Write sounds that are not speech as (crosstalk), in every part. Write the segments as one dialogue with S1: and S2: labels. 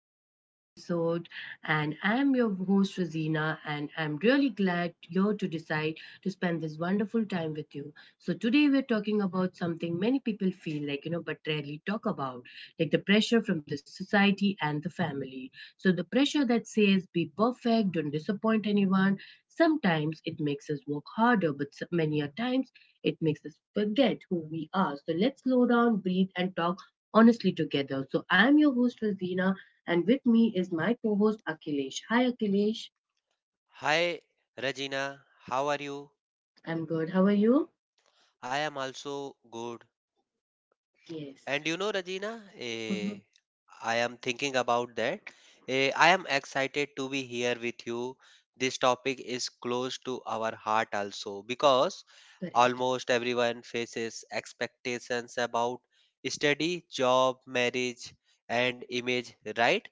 S1: to today's episode. And I'm your host, Rosina, and I'm really glad you're to decide to spend this wonderful time with you. So, today we're talking about something many people feel but rarely talk about, like the pressure from the society and the family. So, the pressure that says be perfect, don't disappoint anyone, sometimes it makes us work harder, but many a times it makes us forget who we are. So, let's slow down, breathe, and talk honestly together. So I'm your host Fazina, and with me is my co-host Akhilesh. Hi Akhilesh,
S2: Hi, Regina. How are you?
S1: I'm good. How are you?
S2: I am also good.
S1: Yes.
S2: And you know, Regina,
S1: Hmm.
S2: I am thinking about that. I am excited to be here with you. This topic is close to our heart also because
S1: Correct.
S2: almost everyone faces expectations about study, job, marriage, and image, right?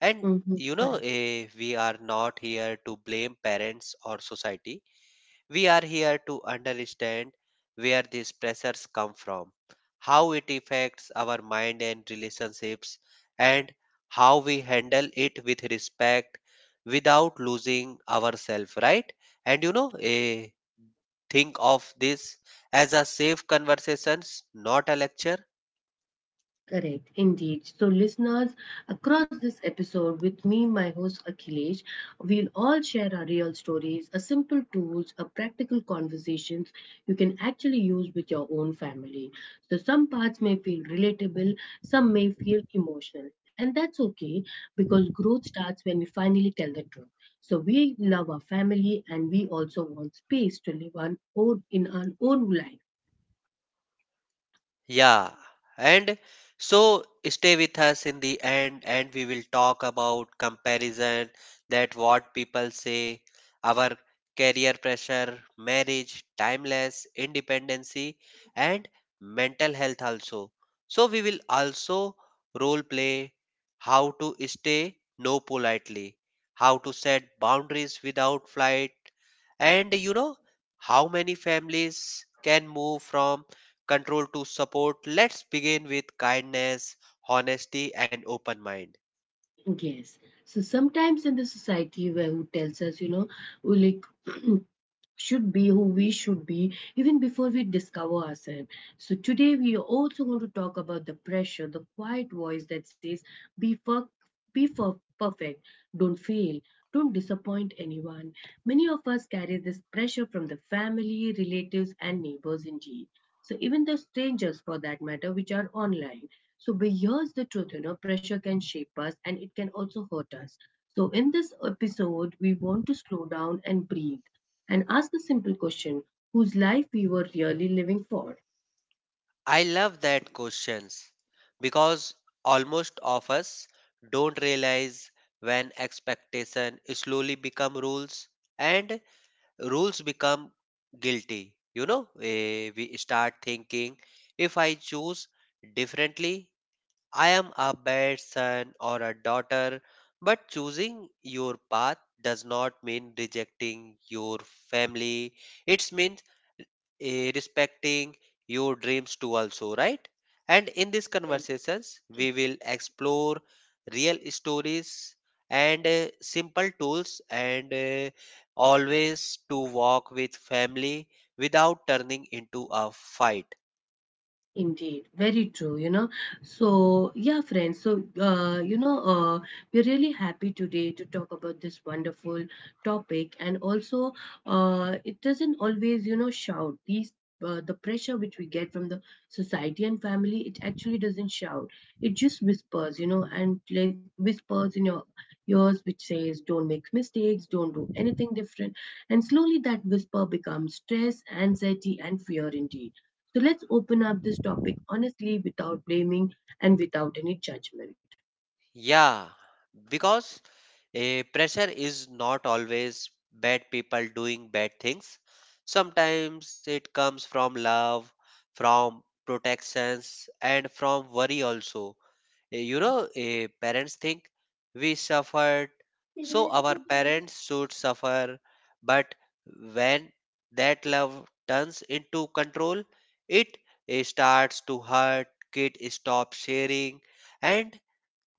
S2: And
S1: Hmm.
S2: you know,
S1: Correct.
S2: we are not here to blame parents or society. We are here to understand where these pressures come from, how it affects our mind and relationships, and how we handle it with respect without losing ourselves, right? And you know, think of this as a safe conversations, not a lecture.
S1: Correct, indeed. So, listeners, across this episode with me, my host Akhilesh, we'll all share our real stories, a simple tools, a practical conversations you can actually use with your own family. So, some parts may feel relatable, some may feel emotional, and that's okay because growth starts when we finally tell the truth. So, we love our family and we also want space to live our own, in our own life.
S2: Yeah, and so stay with us in the end, and we will talk about comparison that what people say, our career pressure, marriage, timeless, independency, and mental health also. So, we will also role play how to stay no politely, how to set boundaries without flight, and you know how many families can move from control to support. Let's begin with kindness, honesty, and open mind.
S1: Yes. So sometimes in the society where who tells us, we like (clears throat) should be who we should be even before we discover ourselves. So today we are also going to talk about the pressure, the quiet voice that says, "Be for, be for perfect, don't fail, don't disappoint anyone." Many of us carry this pressure from the family, relatives, and neighbors indeed. So even the strangers, for that matter, which are online. So but here's the truth, pressure can shape us and it can also hurt us. So in this episode, we want to slow down and breathe and ask the simple question: Whose life we were really living for?
S2: I love that questions because almost of us don't realize when expectation slowly become rules and rules become guilty. You know, we start thinking if I choose differently I am a bad son or a daughter, but choosing your path does not mean rejecting your family. It means respecting your dreams too, also, right? And in these conversations, we will explore real stories and simple tools and always to walk with family without turning into a fight.
S1: Indeed, very true, you know. So, yeah, friends, we're really happy today to talk about this wonderful topic. It doesn't always, shout. The pressure which we get from the society and family, it actually doesn't shout. It just whispers, and like whispers in your ears, which says, don't make mistakes, don't do anything different. And slowly that whisper becomes stress, anxiety, and fear, indeed. So let's open up this topic honestly without blaming and without any judgment.
S2: Yeah, because a pressure is not always bad people doing bad things. Sometimes it comes from love, from protections, and from worry also. You know, parents think we suffered, so our parents should suffer. But when that love turns into control, it starts to hurt, kid stops sharing, and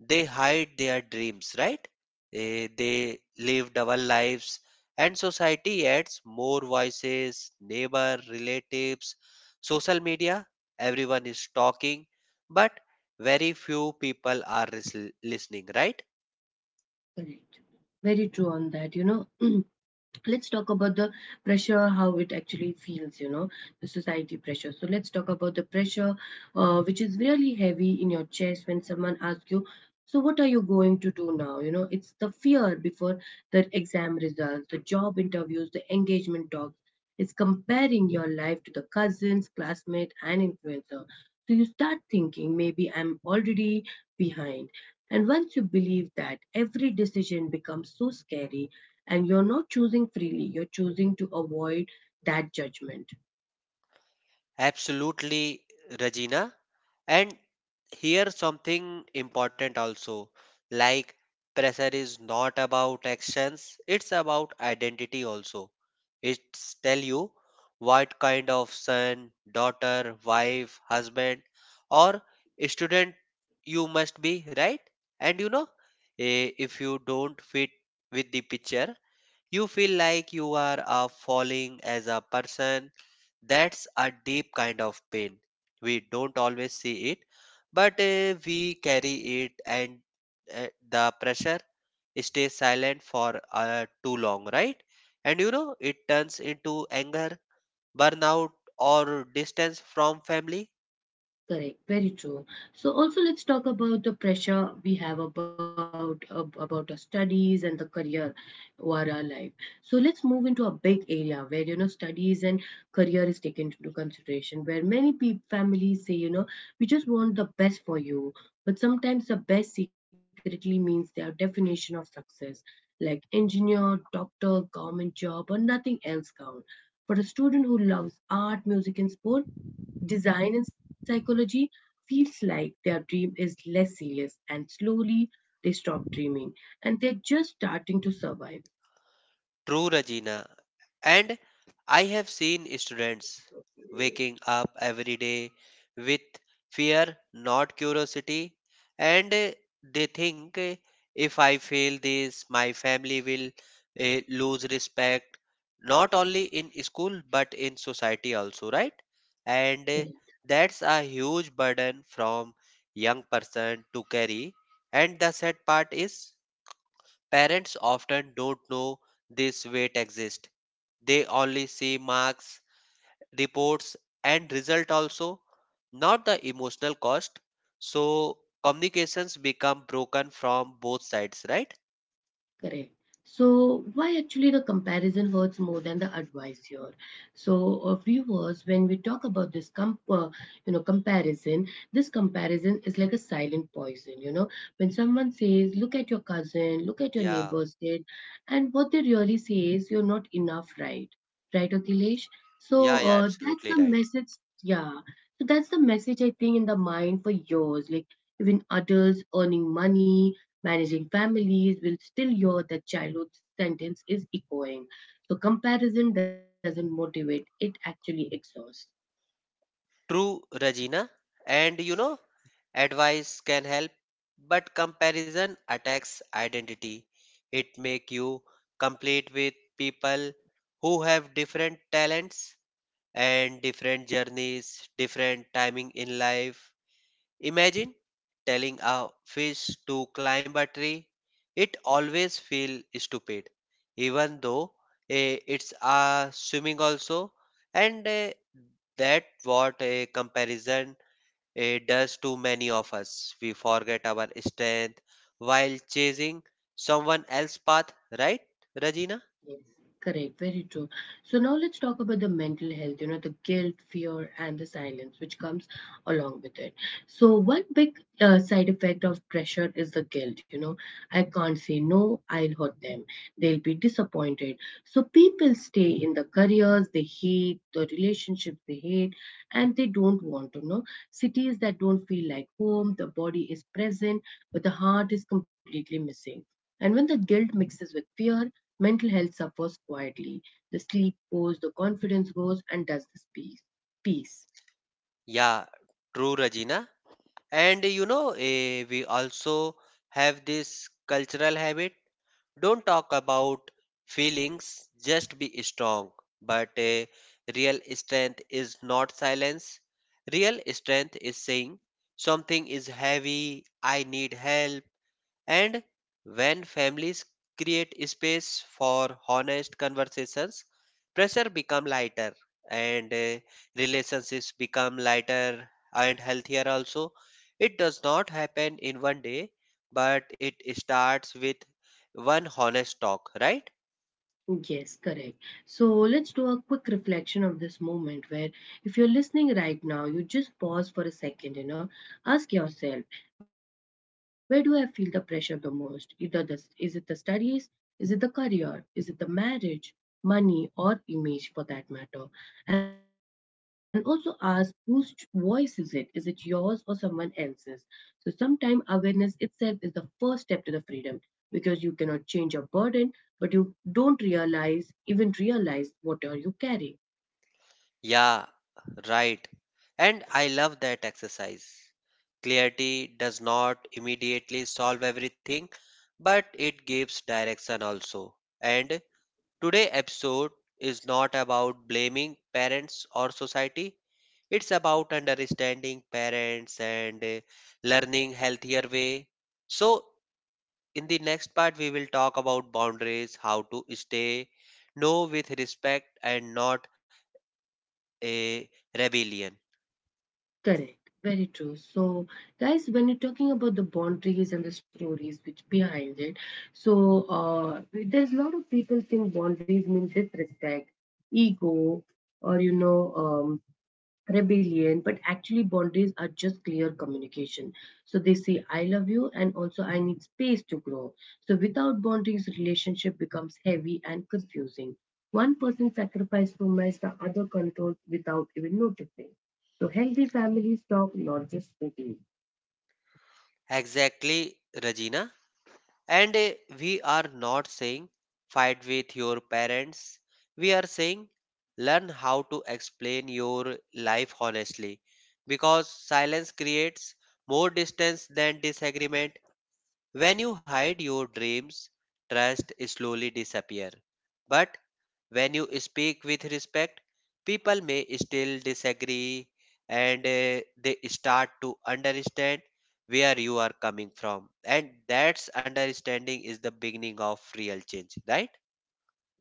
S2: they hide their dreams, right? They live double lives, and society adds more voices, neighbor, relatives, social media. Everyone is talking, but very few people are listening, right?
S1: Correct. Very true on that, you know. (clears throat) Let's talk about the pressure how it actually feels, you know, the society pressure. So let's talk about the pressure, which is really heavy in your chest when someone asks you, so what are you going to do now? You know, it's the fear before the exam results, the job interviews, the engagement talks. It's comparing your life to the cousins, classmate, and influencer. So you start thinking maybe I'm already behind, and once you believe that, every decision becomes so scary, and you're not choosing freely, you're choosing to avoid that judgment.
S2: Absolutely, Regina. And here something important also, like pressure is not about actions, it's about identity also. It's tell you what kind of son, daughter, wife, husband, or student you must be, right? And you know, if you don't fit with the picture, you feel like you are falling as a person. That's a deep kind of pain. We don't always see it, but we carry it, and the pressure stays silent for too long, right? And you know, it turns into anger, burnout, or distance from family.
S1: Correct, very true. So also let's talk about the pressure we have about about our studies and the career or our life. So let's move into a big area where, you know, studies and career is taken into consideration. Where many peop families say, you know, we just want the best for you, but sometimes the best secretly means their definition of success, like engineer, doctor, government job, or nothing else count. For a student who loves art, music, and sport, design and psychology feels like their dream is less serious, and slowly they stop dreaming and they're just starting to survive.
S2: True, Regina. And I have seen students waking up every day with fear, not curiosity, and they think if I fail this, my family will lose respect, not only in school but in society also, right? And that's a huge burden from young person to carry. And the sad part is parents often don't know this weight exists. They only see marks, reports, and result also, not the emotional cost. So communications become broken from both sides, right?
S1: Correct. So, why actually the comparison hurts more than the advice here? So, viewers, when we talk about this comparison, this comparison is like a silent poison. You know, when someone says, "Look at your cousin," "Look at your
S2: Yeah,
S1: neighbor's kid," and what they really say is, "You're not enough," right? Right, Akhilesh?
S2: yeah,
S1: So,
S2: yeah,
S1: that's
S2: absolutely
S1: the
S2: right.
S1: message. Yeah. So that's the message I think in the mind for yours, like even adults earning money, managing families, will still hear that childhood sentence is echoing. So comparison doesn't motivate, it actually exhausts.
S2: True, Regina. And you know, advice can help, but comparison attacks identity. It make you compete with people who have different talents and different journeys, different timing in life. Imagine telling a fish to climb a tree. It always feel stupid, even though it's swimming also. And that what a comparison does to many of us. We forget our strength while chasing someone else's path, right, Regina?
S1: Yes, correct, very true. So now let's talk about the mental health, you know, the guilt, fear, and the silence which comes along with it. So one big side effect of pressure is the guilt, you know, I can't say no, I'll hurt them. They'll be disappointed. So people stay in the careers they hate, the relationships they hate, and they don't want to know. Cities that don't feel like home, the body is present, but the heart is completely missing. And when the guilt mixes with fear, mental health suffers quietly. The sleep goes, the confidence goes, and does this peace.
S2: Yeah, true, Regina. And you know, we also have this cultural habit. Don't talk about feelings, just be strong. But real strength is not silence. Real strength is saying something is heavy, I need help, and when families create space for honest conversations, pressure become lighter and relationships become lighter and healthier also. It does not happen in one day, but it starts with one honest talk, right?
S1: Yes, correct. So let's do a quick reflection of this moment where if you're listening right now, you just pause for a second, you know, ask yourself, where do I feel the pressure the most? Either this, is it the studies, is it the career, is it the marriage, money, or image for that matter? And also ask whose voice is it? Is it yours or someone else's? So sometimes awareness itself is the first step to the freedom, because you cannot change your burden but you don't realize, even realize, what are you carrying.
S2: Yeah, right. And I love that exercise. Clarity does not immediately solve everything, but it gives direction also. And today episode is not about blaming parents or society. It's about understanding parents and learning healthier way. So in the next part we will talk about boundaries, how to stay no with respect and not a rebellion.
S1: Correct. Very true. So, guys, when you're talking about the boundaries and the stories which behind it, so there's a lot of people think boundaries mean disrespect, ego, or rebellion, but actually boundaries are just clear communication. So they say, I love you, and also I need space to grow. So without boundaries, relationship becomes heavy and confusing. One person sacrifices too much, the other controls without even noticing. So healthy families talk, not just speaking.
S2: Exactly, Regina. And we are not saying fight with your parents. We are saying learn how to explain your life honestly because silence creates more distance than disagreement when you hide your dreams, trust slowly disappear. But when you speak with respect, people may still disagree and they start to understand where you are coming from. And that's understanding is the beginning of real change, right?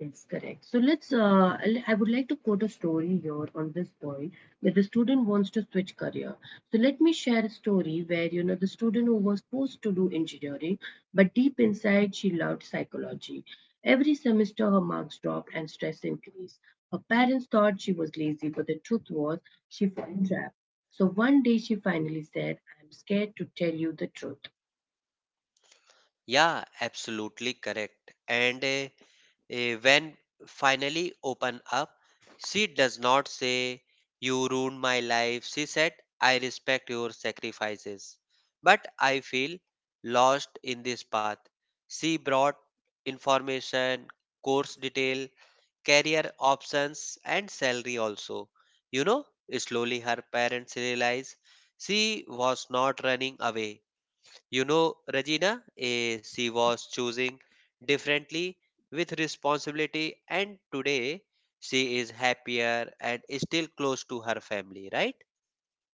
S1: Yes, correct. So I would like to quote a story here on this point that the student wants to switch career. So let me share a story where, you know, the student who was forced to do engineering, but deep inside she loved psychology. Every semester her marks dropped and stress increased. Her parents thought she was lazy, but the truth was she felt trapped. So one day she finally said, I'm scared to tell you the truth.
S2: Yeah, absolutely correct. And when finally open up, she does not say, "You ruined my life." She said, "I respect your sacrifices, but I feel lost in this path." She brought information, course detail, career options, and salary also. You know, slowly her parents realize she was not running away. You know, Regina, she was choosing differently with responsibility, and today she is happier and still close to her family, right?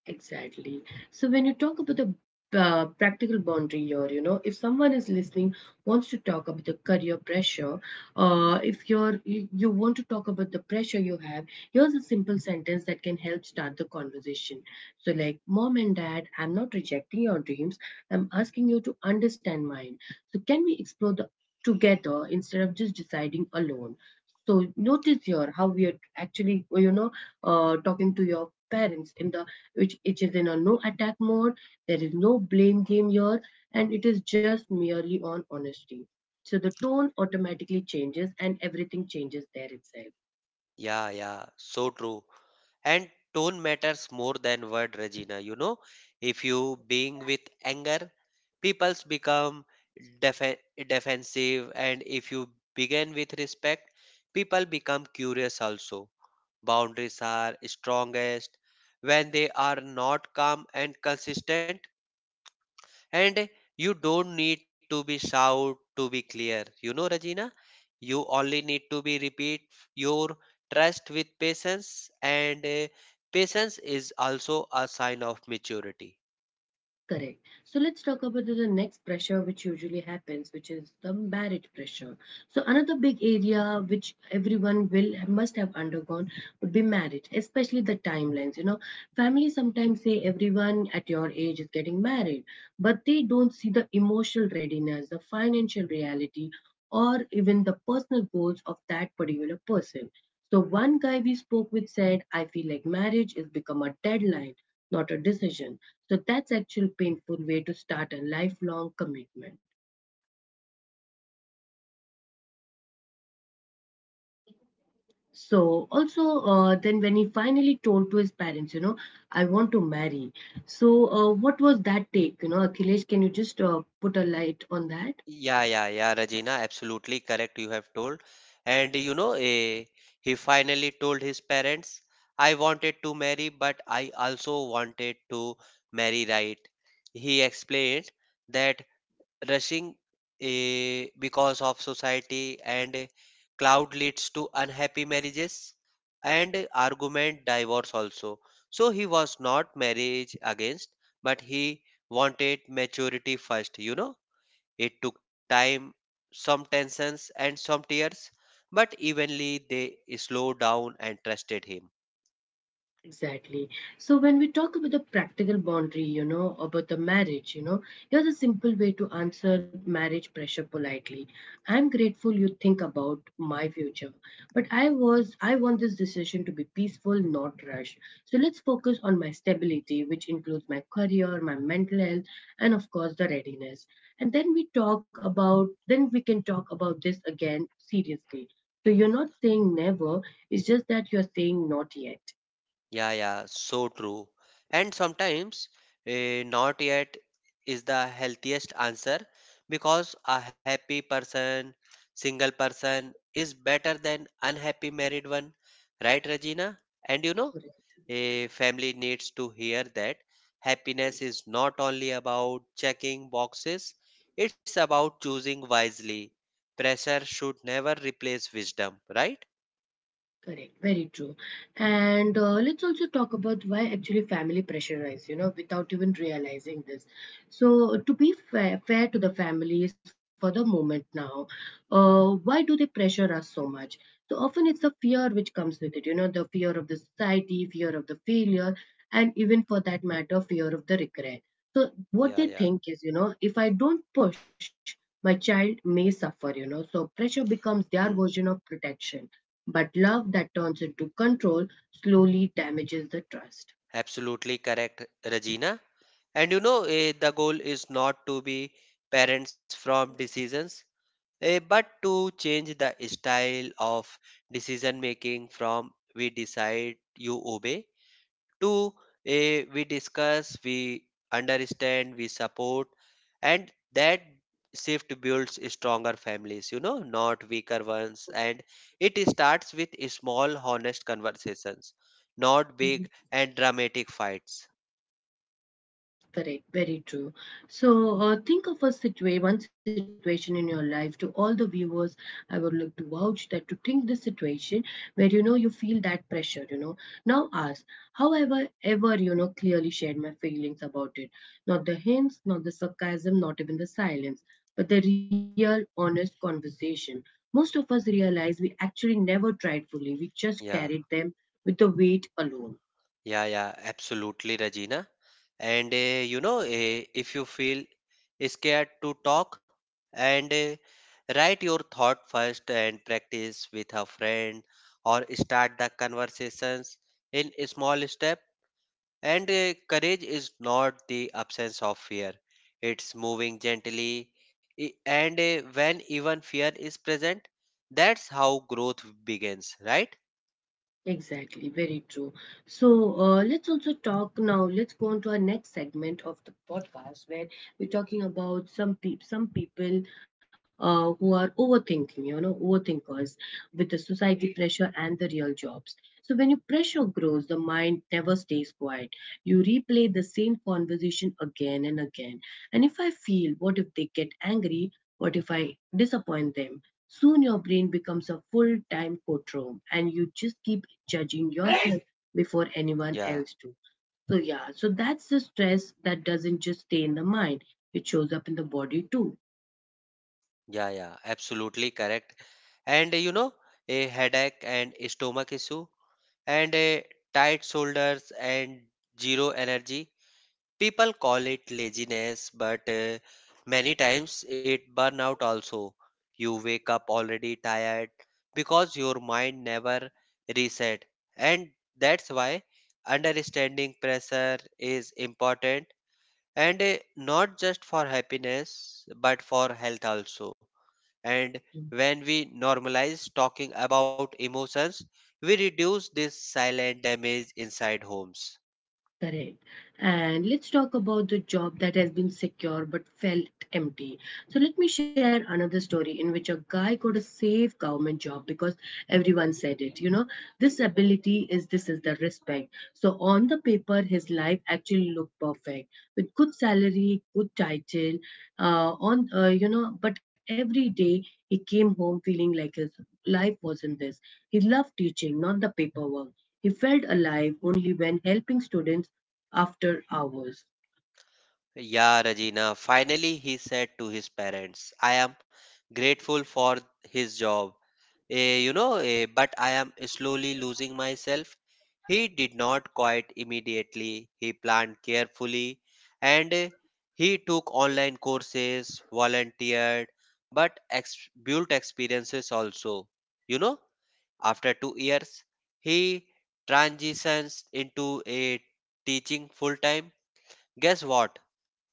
S1: Exactly. So when you talk about the practical boundary here, you know, if someone is listening wants to talk about the career pressure, if you're you, you want to talk about the pressure you have, here's a simple sentence that can help start the conversation. So like, mom and dad, I'm not rejecting your dreams. I'm asking you to understand mine. So can we explore the together instead of just deciding alone? So notice here how we are actually, talking to your parents in the which it is in a no attack mode. There is no blame game here, and it is just merely on honesty. So the tone automatically changes and everything changes there itself.
S2: Yeah, yeah, so true. And tone matters more than word, Regina. You know, if you being with anger, people's become def- defensive, and if you begin with respect, people become curious also. Boundaries are strongest when they are not calm and consistent, and you don't need to be shout to be clear. You know, Rajina, you only need to be repeat your trust with patience, and patience is also a sign of maturity.
S1: Correct. So let's talk about the next pressure which usually happens, which is the marriage pressure. So another big area which everyone will must have undergone would be marriage, especially the timelines. You know, family sometimes say everyone at your age is getting married, but they don't see the emotional readiness, the financial reality, or even the personal goals of that particular person. So one guy we spoke with said, I feel like marriage has become a deadline, not a decision, so that's actual painful way to start a lifelong commitment. So also then when he finally told to his parents, you know, I want to marry. So what was that take? You know, Akhilesh, can you just put a light on that?
S2: Yeah, yeah, yeah, Regina, absolutely correct. You have told. And you know, he finally told his parents, I wanted to marry, but I also wanted to marry right. He explained that rushing because of society and cloud leads to unhappy marriages and argument divorce also. So he was not marriage against, but he wanted maturity first, you know it took time, some tensions and some tears, but eventually they slowed down and trusted him.
S1: Exactly. So when we talk about the practical boundary, you know, about the marriage, you know, here's a simple way to answer marriage pressure politely. I'm grateful you think about my future, but I want this decision to be peaceful, not rushed. So let's focus on my stability, which includes my career, my mental health, and of course the readiness. And then we can talk about this again seriously. So you're not saying never, it's just that you're saying not yet.
S2: Yeah, yeah, so true. And sometimes not yet is the healthiest answer because a happy person, single person is better than unhappy married one, right, Regina? And you know, a family needs to hear that happiness is not only about checking boxes, it's about choosing wisely. Pressure should never replace wisdom, right?
S1: Correct, very true. And let's also talk about why actually family pressurize, you know, without even realizing this. So, to be fair to the families for the moment now, why do they pressure us so much? So, often it's the fear which comes with it, you know, the fear of the society, fear of the failure, and even for that matter, fear of the regret. So, what
S2: Yeah,
S1: they
S2: yeah.
S1: think is, you know, if I don't push, my child may suffer, you know, so pressure becomes their version of protection, but love that turns into control slowly damages the trust.
S2: Absolutely correct, Regina. And you know, the goal is not to be parents from decisions, but to change the style of decision making from we decide, you obey, to we discuss, we understand, we support, and that shift builds stronger families, you know, not weaker ones. And it starts with small, honest conversations, not
S1: Mm-hmm.
S2: big and dramatic fights.
S1: Correct, very true. So, think of a one situation in your life. To all the viewers, I would like to vouch that to think this situation where you know you feel that pressure. You know, now ask. However, ever you know clearly shared my feelings about it. Not the hints, not the sarcasm, not even the silence, but the real, honest conversation. Most of us realize we actually never tried fully. We just
S2: Yeah,
S1: carried them with the weight alone.
S2: yeah, yeah, absolutely, Regina. And you know, if you feel scared to talk, and write your thought first and practice with a friend or start the conversations in a small step. And courage is not the absence of fear, it's moving gently. And when even fear is present, that's how growth begins, right?
S1: Exactly, very true. So let's also talk now. Let's go on to our next segment of the podcast where we're talking about some peop some people who are overthinking. You know, overthinkers with the society pressure and the real jobs. So when your pressure grows, the mind never stays quiet. You replay the same conversation again and again. And if I feel, what if they get angry? What if I disappoint them? Soon your brain becomes a full time courtroom and you just keep judging yourself before anyone
S2: Yeah.
S1: else do. So yeah, so that's the stress that doesn't just stay in the mind. It shows up in the body too.
S2: Yeah, yeah, absolutely correct. And you know, a headache and stomach issue and a tight shoulders and zero energy. People call it laziness, but many times it burnout also. You wake up already tired because your mind never reset. And that's why understanding pressure is important and not just for happiness but for health also, and when we normalize talking about emotions, we reduce this silent damage inside homes.
S1: Correct. And let's talk about the job that has been secure but felt empty. So, let me share another story in which a guy got a safe government job because everyone said it. You know, this ability is this is the respect. So, on the paper, his life actually looked perfect with good salary, good title, you know, but every day he came home feeling like his life wasn't this. He loved teaching, not the paperwork. He felt alive only when helping students after hours.
S2: Yeah, Regina, finally he said to his parents, I am grateful for his job. You know, but I am slowly losing myself. He did not quite immediately. He planned carefully and he took online courses, volunteered, but built experiences also. You know, after 2 years, he transitions into a teaching full time. Guess what?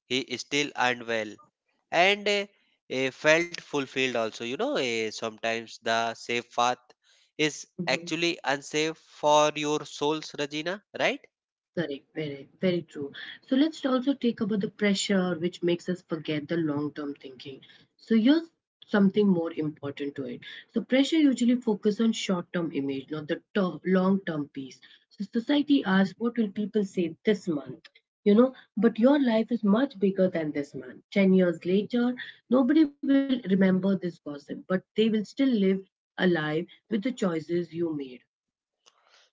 S2: He is still unwell and felt fulfilled also. You know, sometimes the safe path is
S1: Mhm.
S2: actually unsafe for your souls, Regina, right?
S1: Correct, very, very true. So let's also take about the pressure which makes us forget the long-term thinking. So here's something more important to it. So pressure usually focus on short-term image, not the long-term piece. So society asks, what will people say this month? You know, but your life is much bigger than this month. 10 years later, nobody will remember this gossip, but they will still live alive with the choices you made.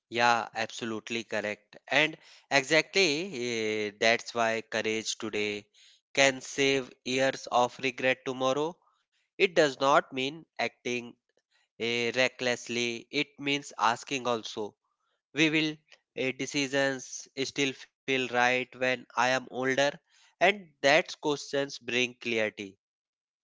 S2: Yeah, absolutely correct. And exactly that's why courage today can save years of regret tomorrow. It does not mean acting recklessly. It means asking also, we will decisions still feel right when I am older? And that questions bring clarity.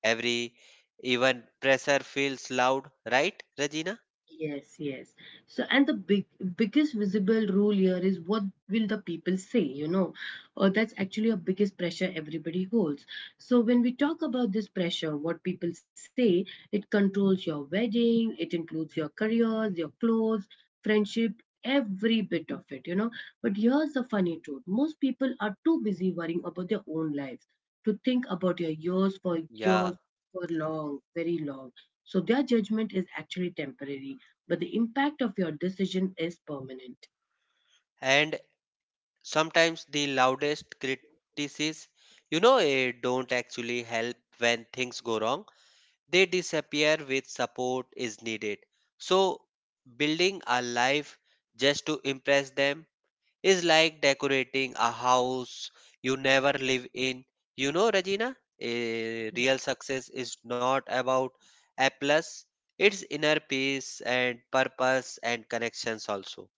S2: Every even pressure feels loud, right, Regina?
S1: Yes, yes. So, and the biggest visible rule here is what will the people say, you know? Or that's actually a biggest pressure everybody holds. So, when we talk about this pressure, what people say, it controls your wedding, it includes your careers, your clothes, friendship, every bit of it, you know? But here's the funny truth most people are too busy worrying about their own lives to think about your years for
S2: Yeah.
S1: years, for long, very long. So their judgment is actually temporary but the impact of your decision is permanent.
S2: And sometimes the loudest criticisms, you know, don't actually help when things go wrong. They disappear with support is needed. So building a life just to impress them is like decorating a house you never live in. You know, Regina, a real success is not about a plus, it's inner peace and purpose and connections also.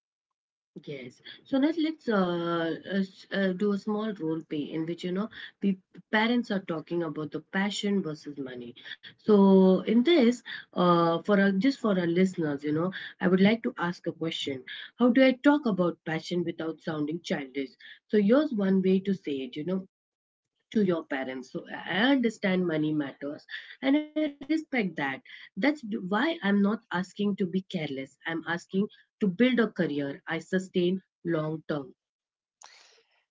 S1: Yes. So now let's uh, do a small role play in which you know the parents are talking about the passion versus money. So in this, for our, just for our listeners, you know, I would like to ask a question. How do I talk about passion without sounding childish? So here's one way to say it. You know, to your parents so I understand money matters and I respect that that's why I'm not asking to be careless, I'm asking to build a career I sustain long term.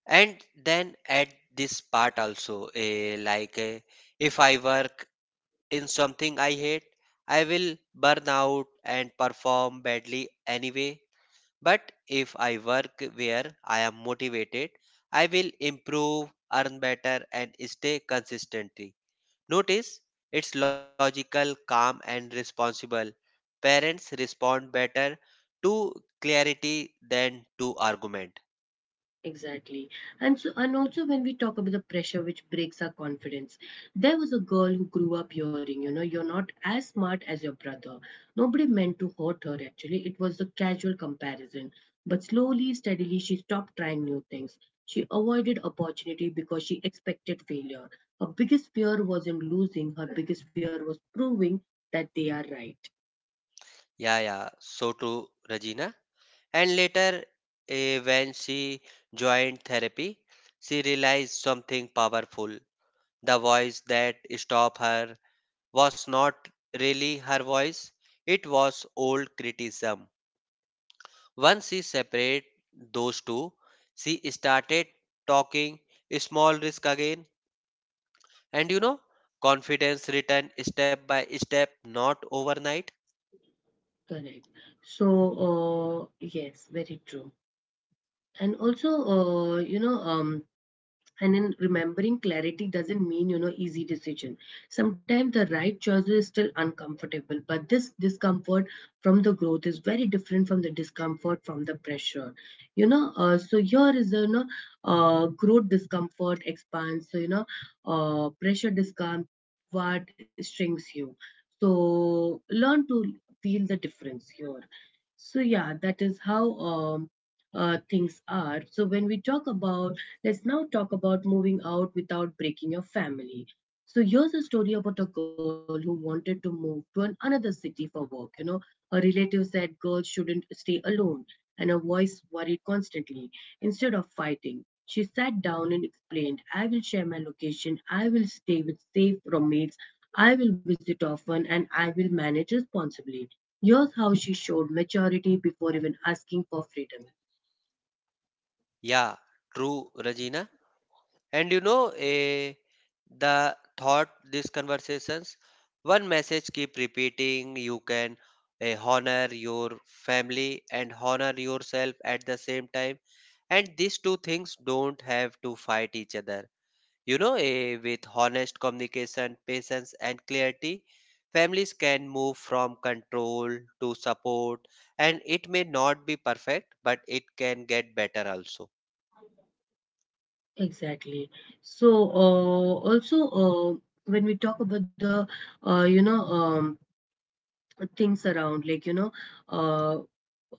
S2: And then at this part also, like if I work in something I hate, I will burn out and perform badly anyway. But if I work where I am motivated, I will improve, earn better, and stay consistently. Notice it's logical, calm, and responsible. Parents respond better to clarity than to argument.
S1: Exactly. And so and also when we talk about the pressure which breaks our confidence, there was a girl who grew up hearing, you know, you're not as smart as your brother. Nobody meant to hurt her actually. It was a casual comparison. But slowly, steadily, she stopped trying new things. She avoided opportunity because she expected failure. Her biggest fear wasn't losing, her biggest fear was proving that they are right.
S2: Yeah, so true, Regina. And later, when she joined therapy, she realized something powerful. The voice that stopped her was not really her voice, it was old criticism. Once she separated those two, she started talking small risk again. And you know, Confidence returned step by step, not overnight.
S1: Correct. So yes, very true. And also you know, and in remembering clarity doesn't mean, you know, easy decision. Sometimes the right choice is still uncomfortable, but this discomfort from the growth is very different from the discomfort from the pressure. You know, so here is, the you know, growth discomfort expands. So, you know, pressure discomfort shrinks you. So learn to feel the difference here. So yeah, that is how things are. So when we talk about let's now talk about moving out without breaking your family. So here's a story about a girl who wanted to move to another city for work. You know, her relative said girls shouldn't stay alone, and her voice worried constantly. Instead of fighting, she sat down and explained, I will share my location, I will stay with safe roommates, I will visit often, and I will manage responsibly. Here's how she showed maturity before even asking for freedom.
S2: Yeah, true, Regina. And the thought these conversations, one message keep repeating. You can honor your family and honor yourself at the same time. And these two things don't have to fight each other. With honest communication, patience, and clarity, families can move from control to support. And it may not be perfect, but it can get better also.
S1: Exactly. So, when we talk about the you know, things around, like, you know, uh,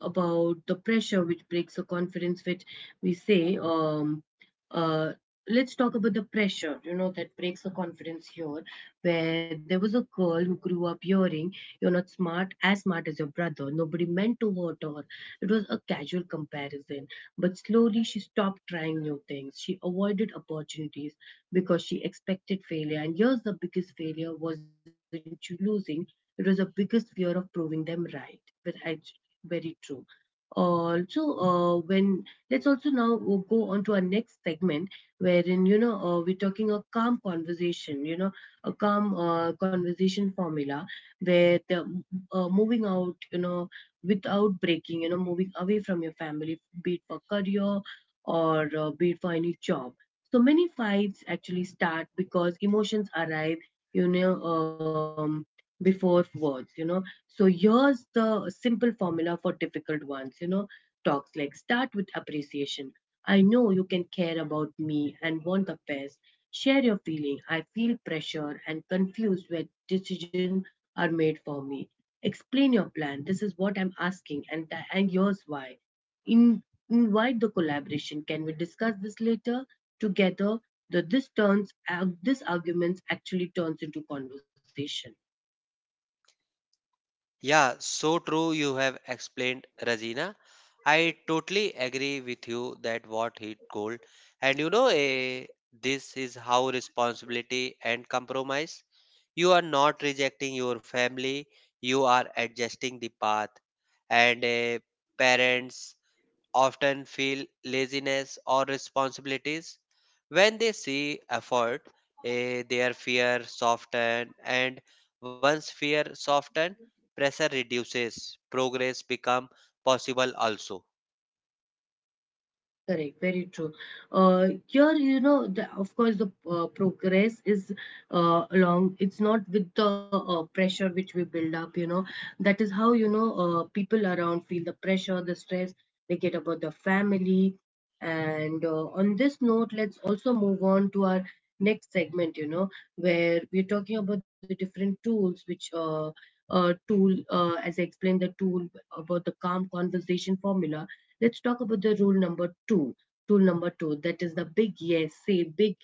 S1: about the pressure which breaks the confidence which we say uh let's talk about the pressure, you know, that breaks the confidence here where there was a girl who grew up hearing you're not smart as your brother. Nobody meant to hurt her, it was a casual comparison. But slowly, she stopped trying new things, she avoided opportunities because she expected failure. And here's the biggest failure wasn't you losing, it was the biggest fear of proving them right. But I, very true. Also when let's also now go on to our next segment wherein you know we're talking a calm conversation, you know, a calm conversation formula where the moving out, you know, without breaking, you know, moving away from your family, be it for career or be it for any job. So many fights actually start because emotions arrive, you know, before words, you know. So here's the simple formula for difficult ones, you know, talks like start with appreciation. I know you can care about me and want the best. Share your feeling. I feel pressure and confused when decisions are made for me. Explain your plan. This is what I'm asking and here's why. In, invite the collaboration. Can we discuss this later together? That this turns out this arguments actually turns into conversation.
S2: Yeah, so true you have explained, Rajina. I totally agree with you that what he told. And this is how responsibility and compromise. You are not rejecting your family, you are adjusting the path. And parents often feel laziness or responsibilities. When they see effort, their fear soften and once fear soften, pressure reduces, progress become possible also.
S1: Correct, very true. Here, you know, the, of course, the progress is along. It's not with the pressure which we build up. You know, that is how you know people around feel the pressure, the stress they get about the family. And on this note, let's also move on to our next segment. You know, where we're talking about the different tools which. As I explained, the tool about the calm conversation formula let's talk about the rule number two. Rule number two that is the big yes, say big,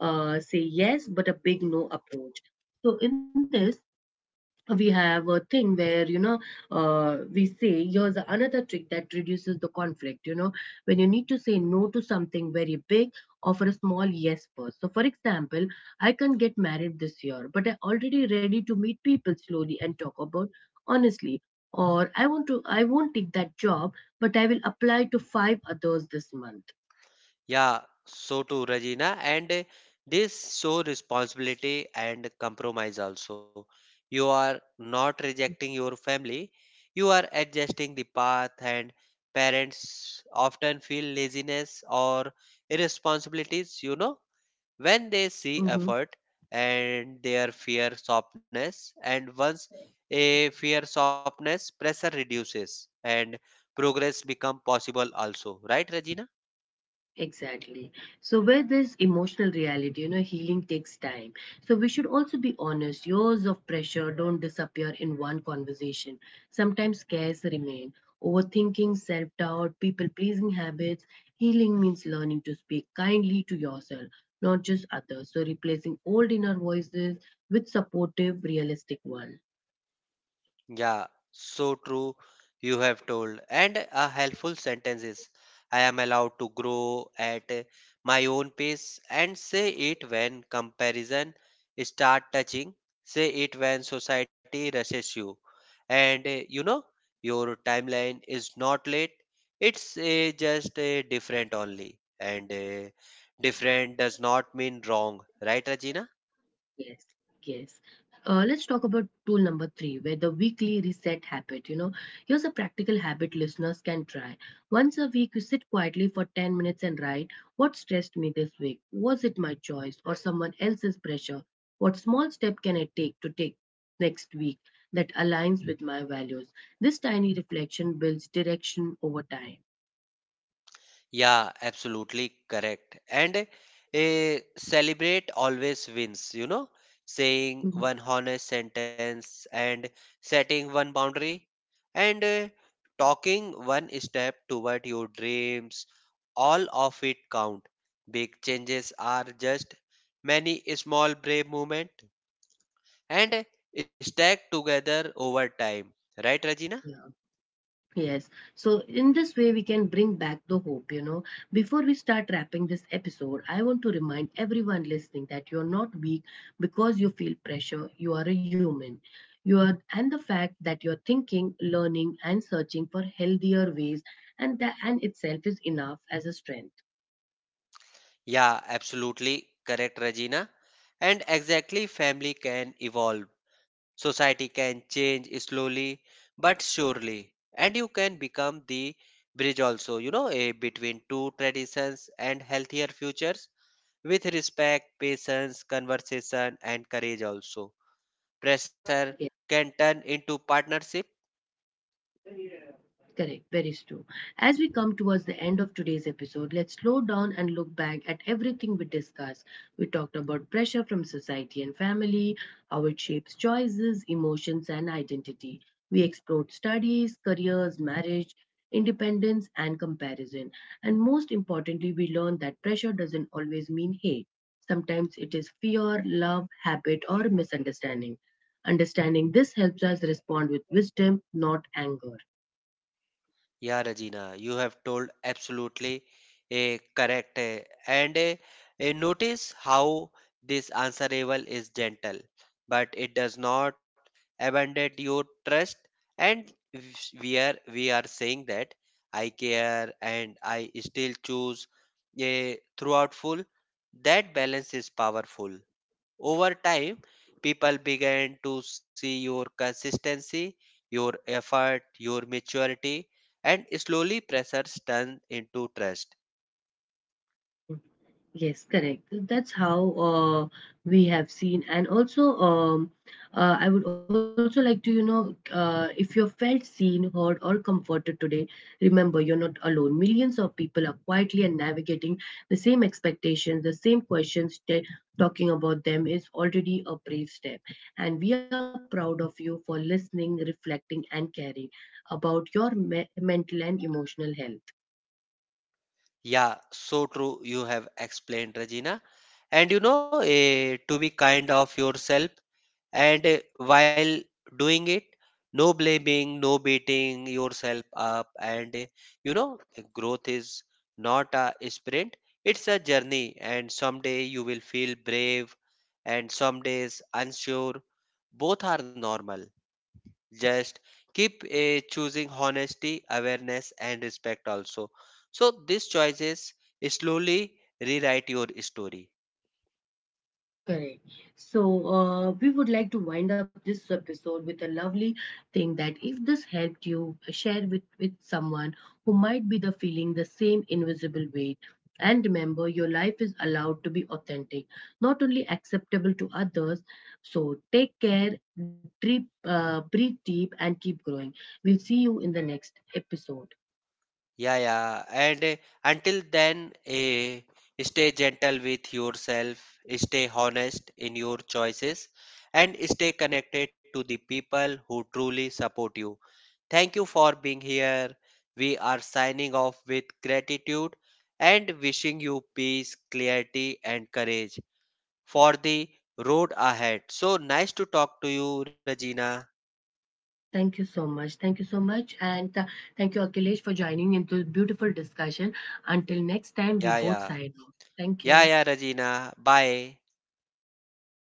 S1: uh, say yes, but a big no approach. So, in this, we have a thing where you know we say here's another trick that reduces the conflict, you know, when you need to say no to something very big, offer a small yes first. So for example, I can not get married this year, but I already ready to meet people slowly and talk about honestly. Or I want to I won't take that job, but I will apply to five others this month.
S2: Yeah, so too, Regina. And this show responsibility and compromise also. You are not rejecting your family, you are adjusting the path, and parents often feel laziness or irresponsibilities, you know, when they
S1: Mhm.
S2: see effort and their fear softness. And once a fear softness, pressure reduces and progress become possible also. Right, Regina?
S1: Exactly. So, with this emotional reality, you know, healing takes time. So, we should also be honest. Years of pressure don't disappear in one conversation. Sometimes scares remain. Overthinking, self doubt, people pleasing habits. Healing means learning to speak kindly to yourself, not just others. So, replacing old inner voices with supportive, realistic ones.
S2: Yeah, so true. You have told. And a helpful sentence is I am allowed to grow at my own pace, and say it when comparison start touching. Say it when society rushes you. And your timeline is not late. It's just different only. And different does not mean wrong, right, Regina?
S1: Yes, yes. Let's talk about tool number three, where the weekly reset habit. You know, here's a practical habit listeners can try. Once a week, you sit quietly for 10 minutes and write what stressed me this week? Was it my choice or someone else's pressure? What small step can I take to take next week that aligns with my values? This tiny reflection builds direction over time.
S2: Yeah, absolutely correct. And a celebrate always wins, you know, saying
S1: Mhm.
S2: one honest sentence and setting one boundary and talking one step toward your dreams. All of it count. Big changes are just many small brave movement and stack together over time. Right, Rajina?
S1: Yes. So in this way, we can bring back the hope, you know. Before we start wrapping this episode, I want to remind everyone listening that you're not weak because you feel pressure. You are a human. You are, and the fact that you're thinking, learning, and searching for healthier ways, and that and itself is enough as a strength.
S2: Yeah, absolutely correct, Regina. And exactly, family can evolve. Society can change slowly but surely. And you can become the bridge also, you know, a between two traditions and healthier futures with respect, patience, conversation, and courage also. Pressure can turn into partnership.
S1: Correct, very true. As we come towards the end of today's episode, let's slow down and look back at everything we discussed. We talked about pressure from society and family, how it shapes choices, emotions, and identity. We explored studies, careers, marriage, independence, and comparison. And most importantly, we learned that pressure doesn't always mean hate. Sometimes it is fear, love, habit, or misunderstanding. Understanding this helps us respond with wisdom, not anger.
S2: Yeah, Regina, you have told absolutely correct. Notice how this answerable is gentle, but it does not abandon your trust. And we are saying that I care and I still choose a throughout full. That balance is powerful over time, people began to see your consistency, your effort, your maturity, and slowly pressures turned into trust.
S1: Yes, correct. So, that's how we have seen, and also I would also like to, you know, if you felt seen, heard, or comforted today, remember you're not alone. Millions of people are quietly and navigating the same expectations, the same questions. Talking about them is already a brave step, and we are proud of you for listening, reflecting, and caring about your mental and emotional health.
S2: Yeah, so true. You have explained, Regina. And to be kind of yourself. And while doing it, no blaming, no beating yourself up. And growth is not a sprint, it's a journey. And someday you will feel brave, and some days unsure. Both are normal. Just keep choosing honesty, awareness, and respect also. So, these choices slowly rewrite your story.
S1: Correct. So, we would like to wind up this episode with a lovely thing that if this helped you, share with someone who might be the feeling the same invisible weight. And remember, your life is allowed to be authentic, not only acceptable to others. So, take care, breathe deep, and keep growing. We'll see you in the next episode.
S2: Yeah, yeah. And until then, stay gentle with yourself, stay honest in your choices, and stay connected to the people who truly support you. Thank you for being here. We are signing off with gratitude and wishing you peace, clarity, and courage for the road ahead. So nice to talk to you, Regina.
S1: Thank you so much. Thank you so much. And thank you, Akhilesh, for joining into this beautiful discussion. Until next time, we
S2: Yeah,
S1: both
S2: yeah.
S1: sign off. Thank
S2: Yeah,
S1: you.
S2: yeah, Regina. Bye.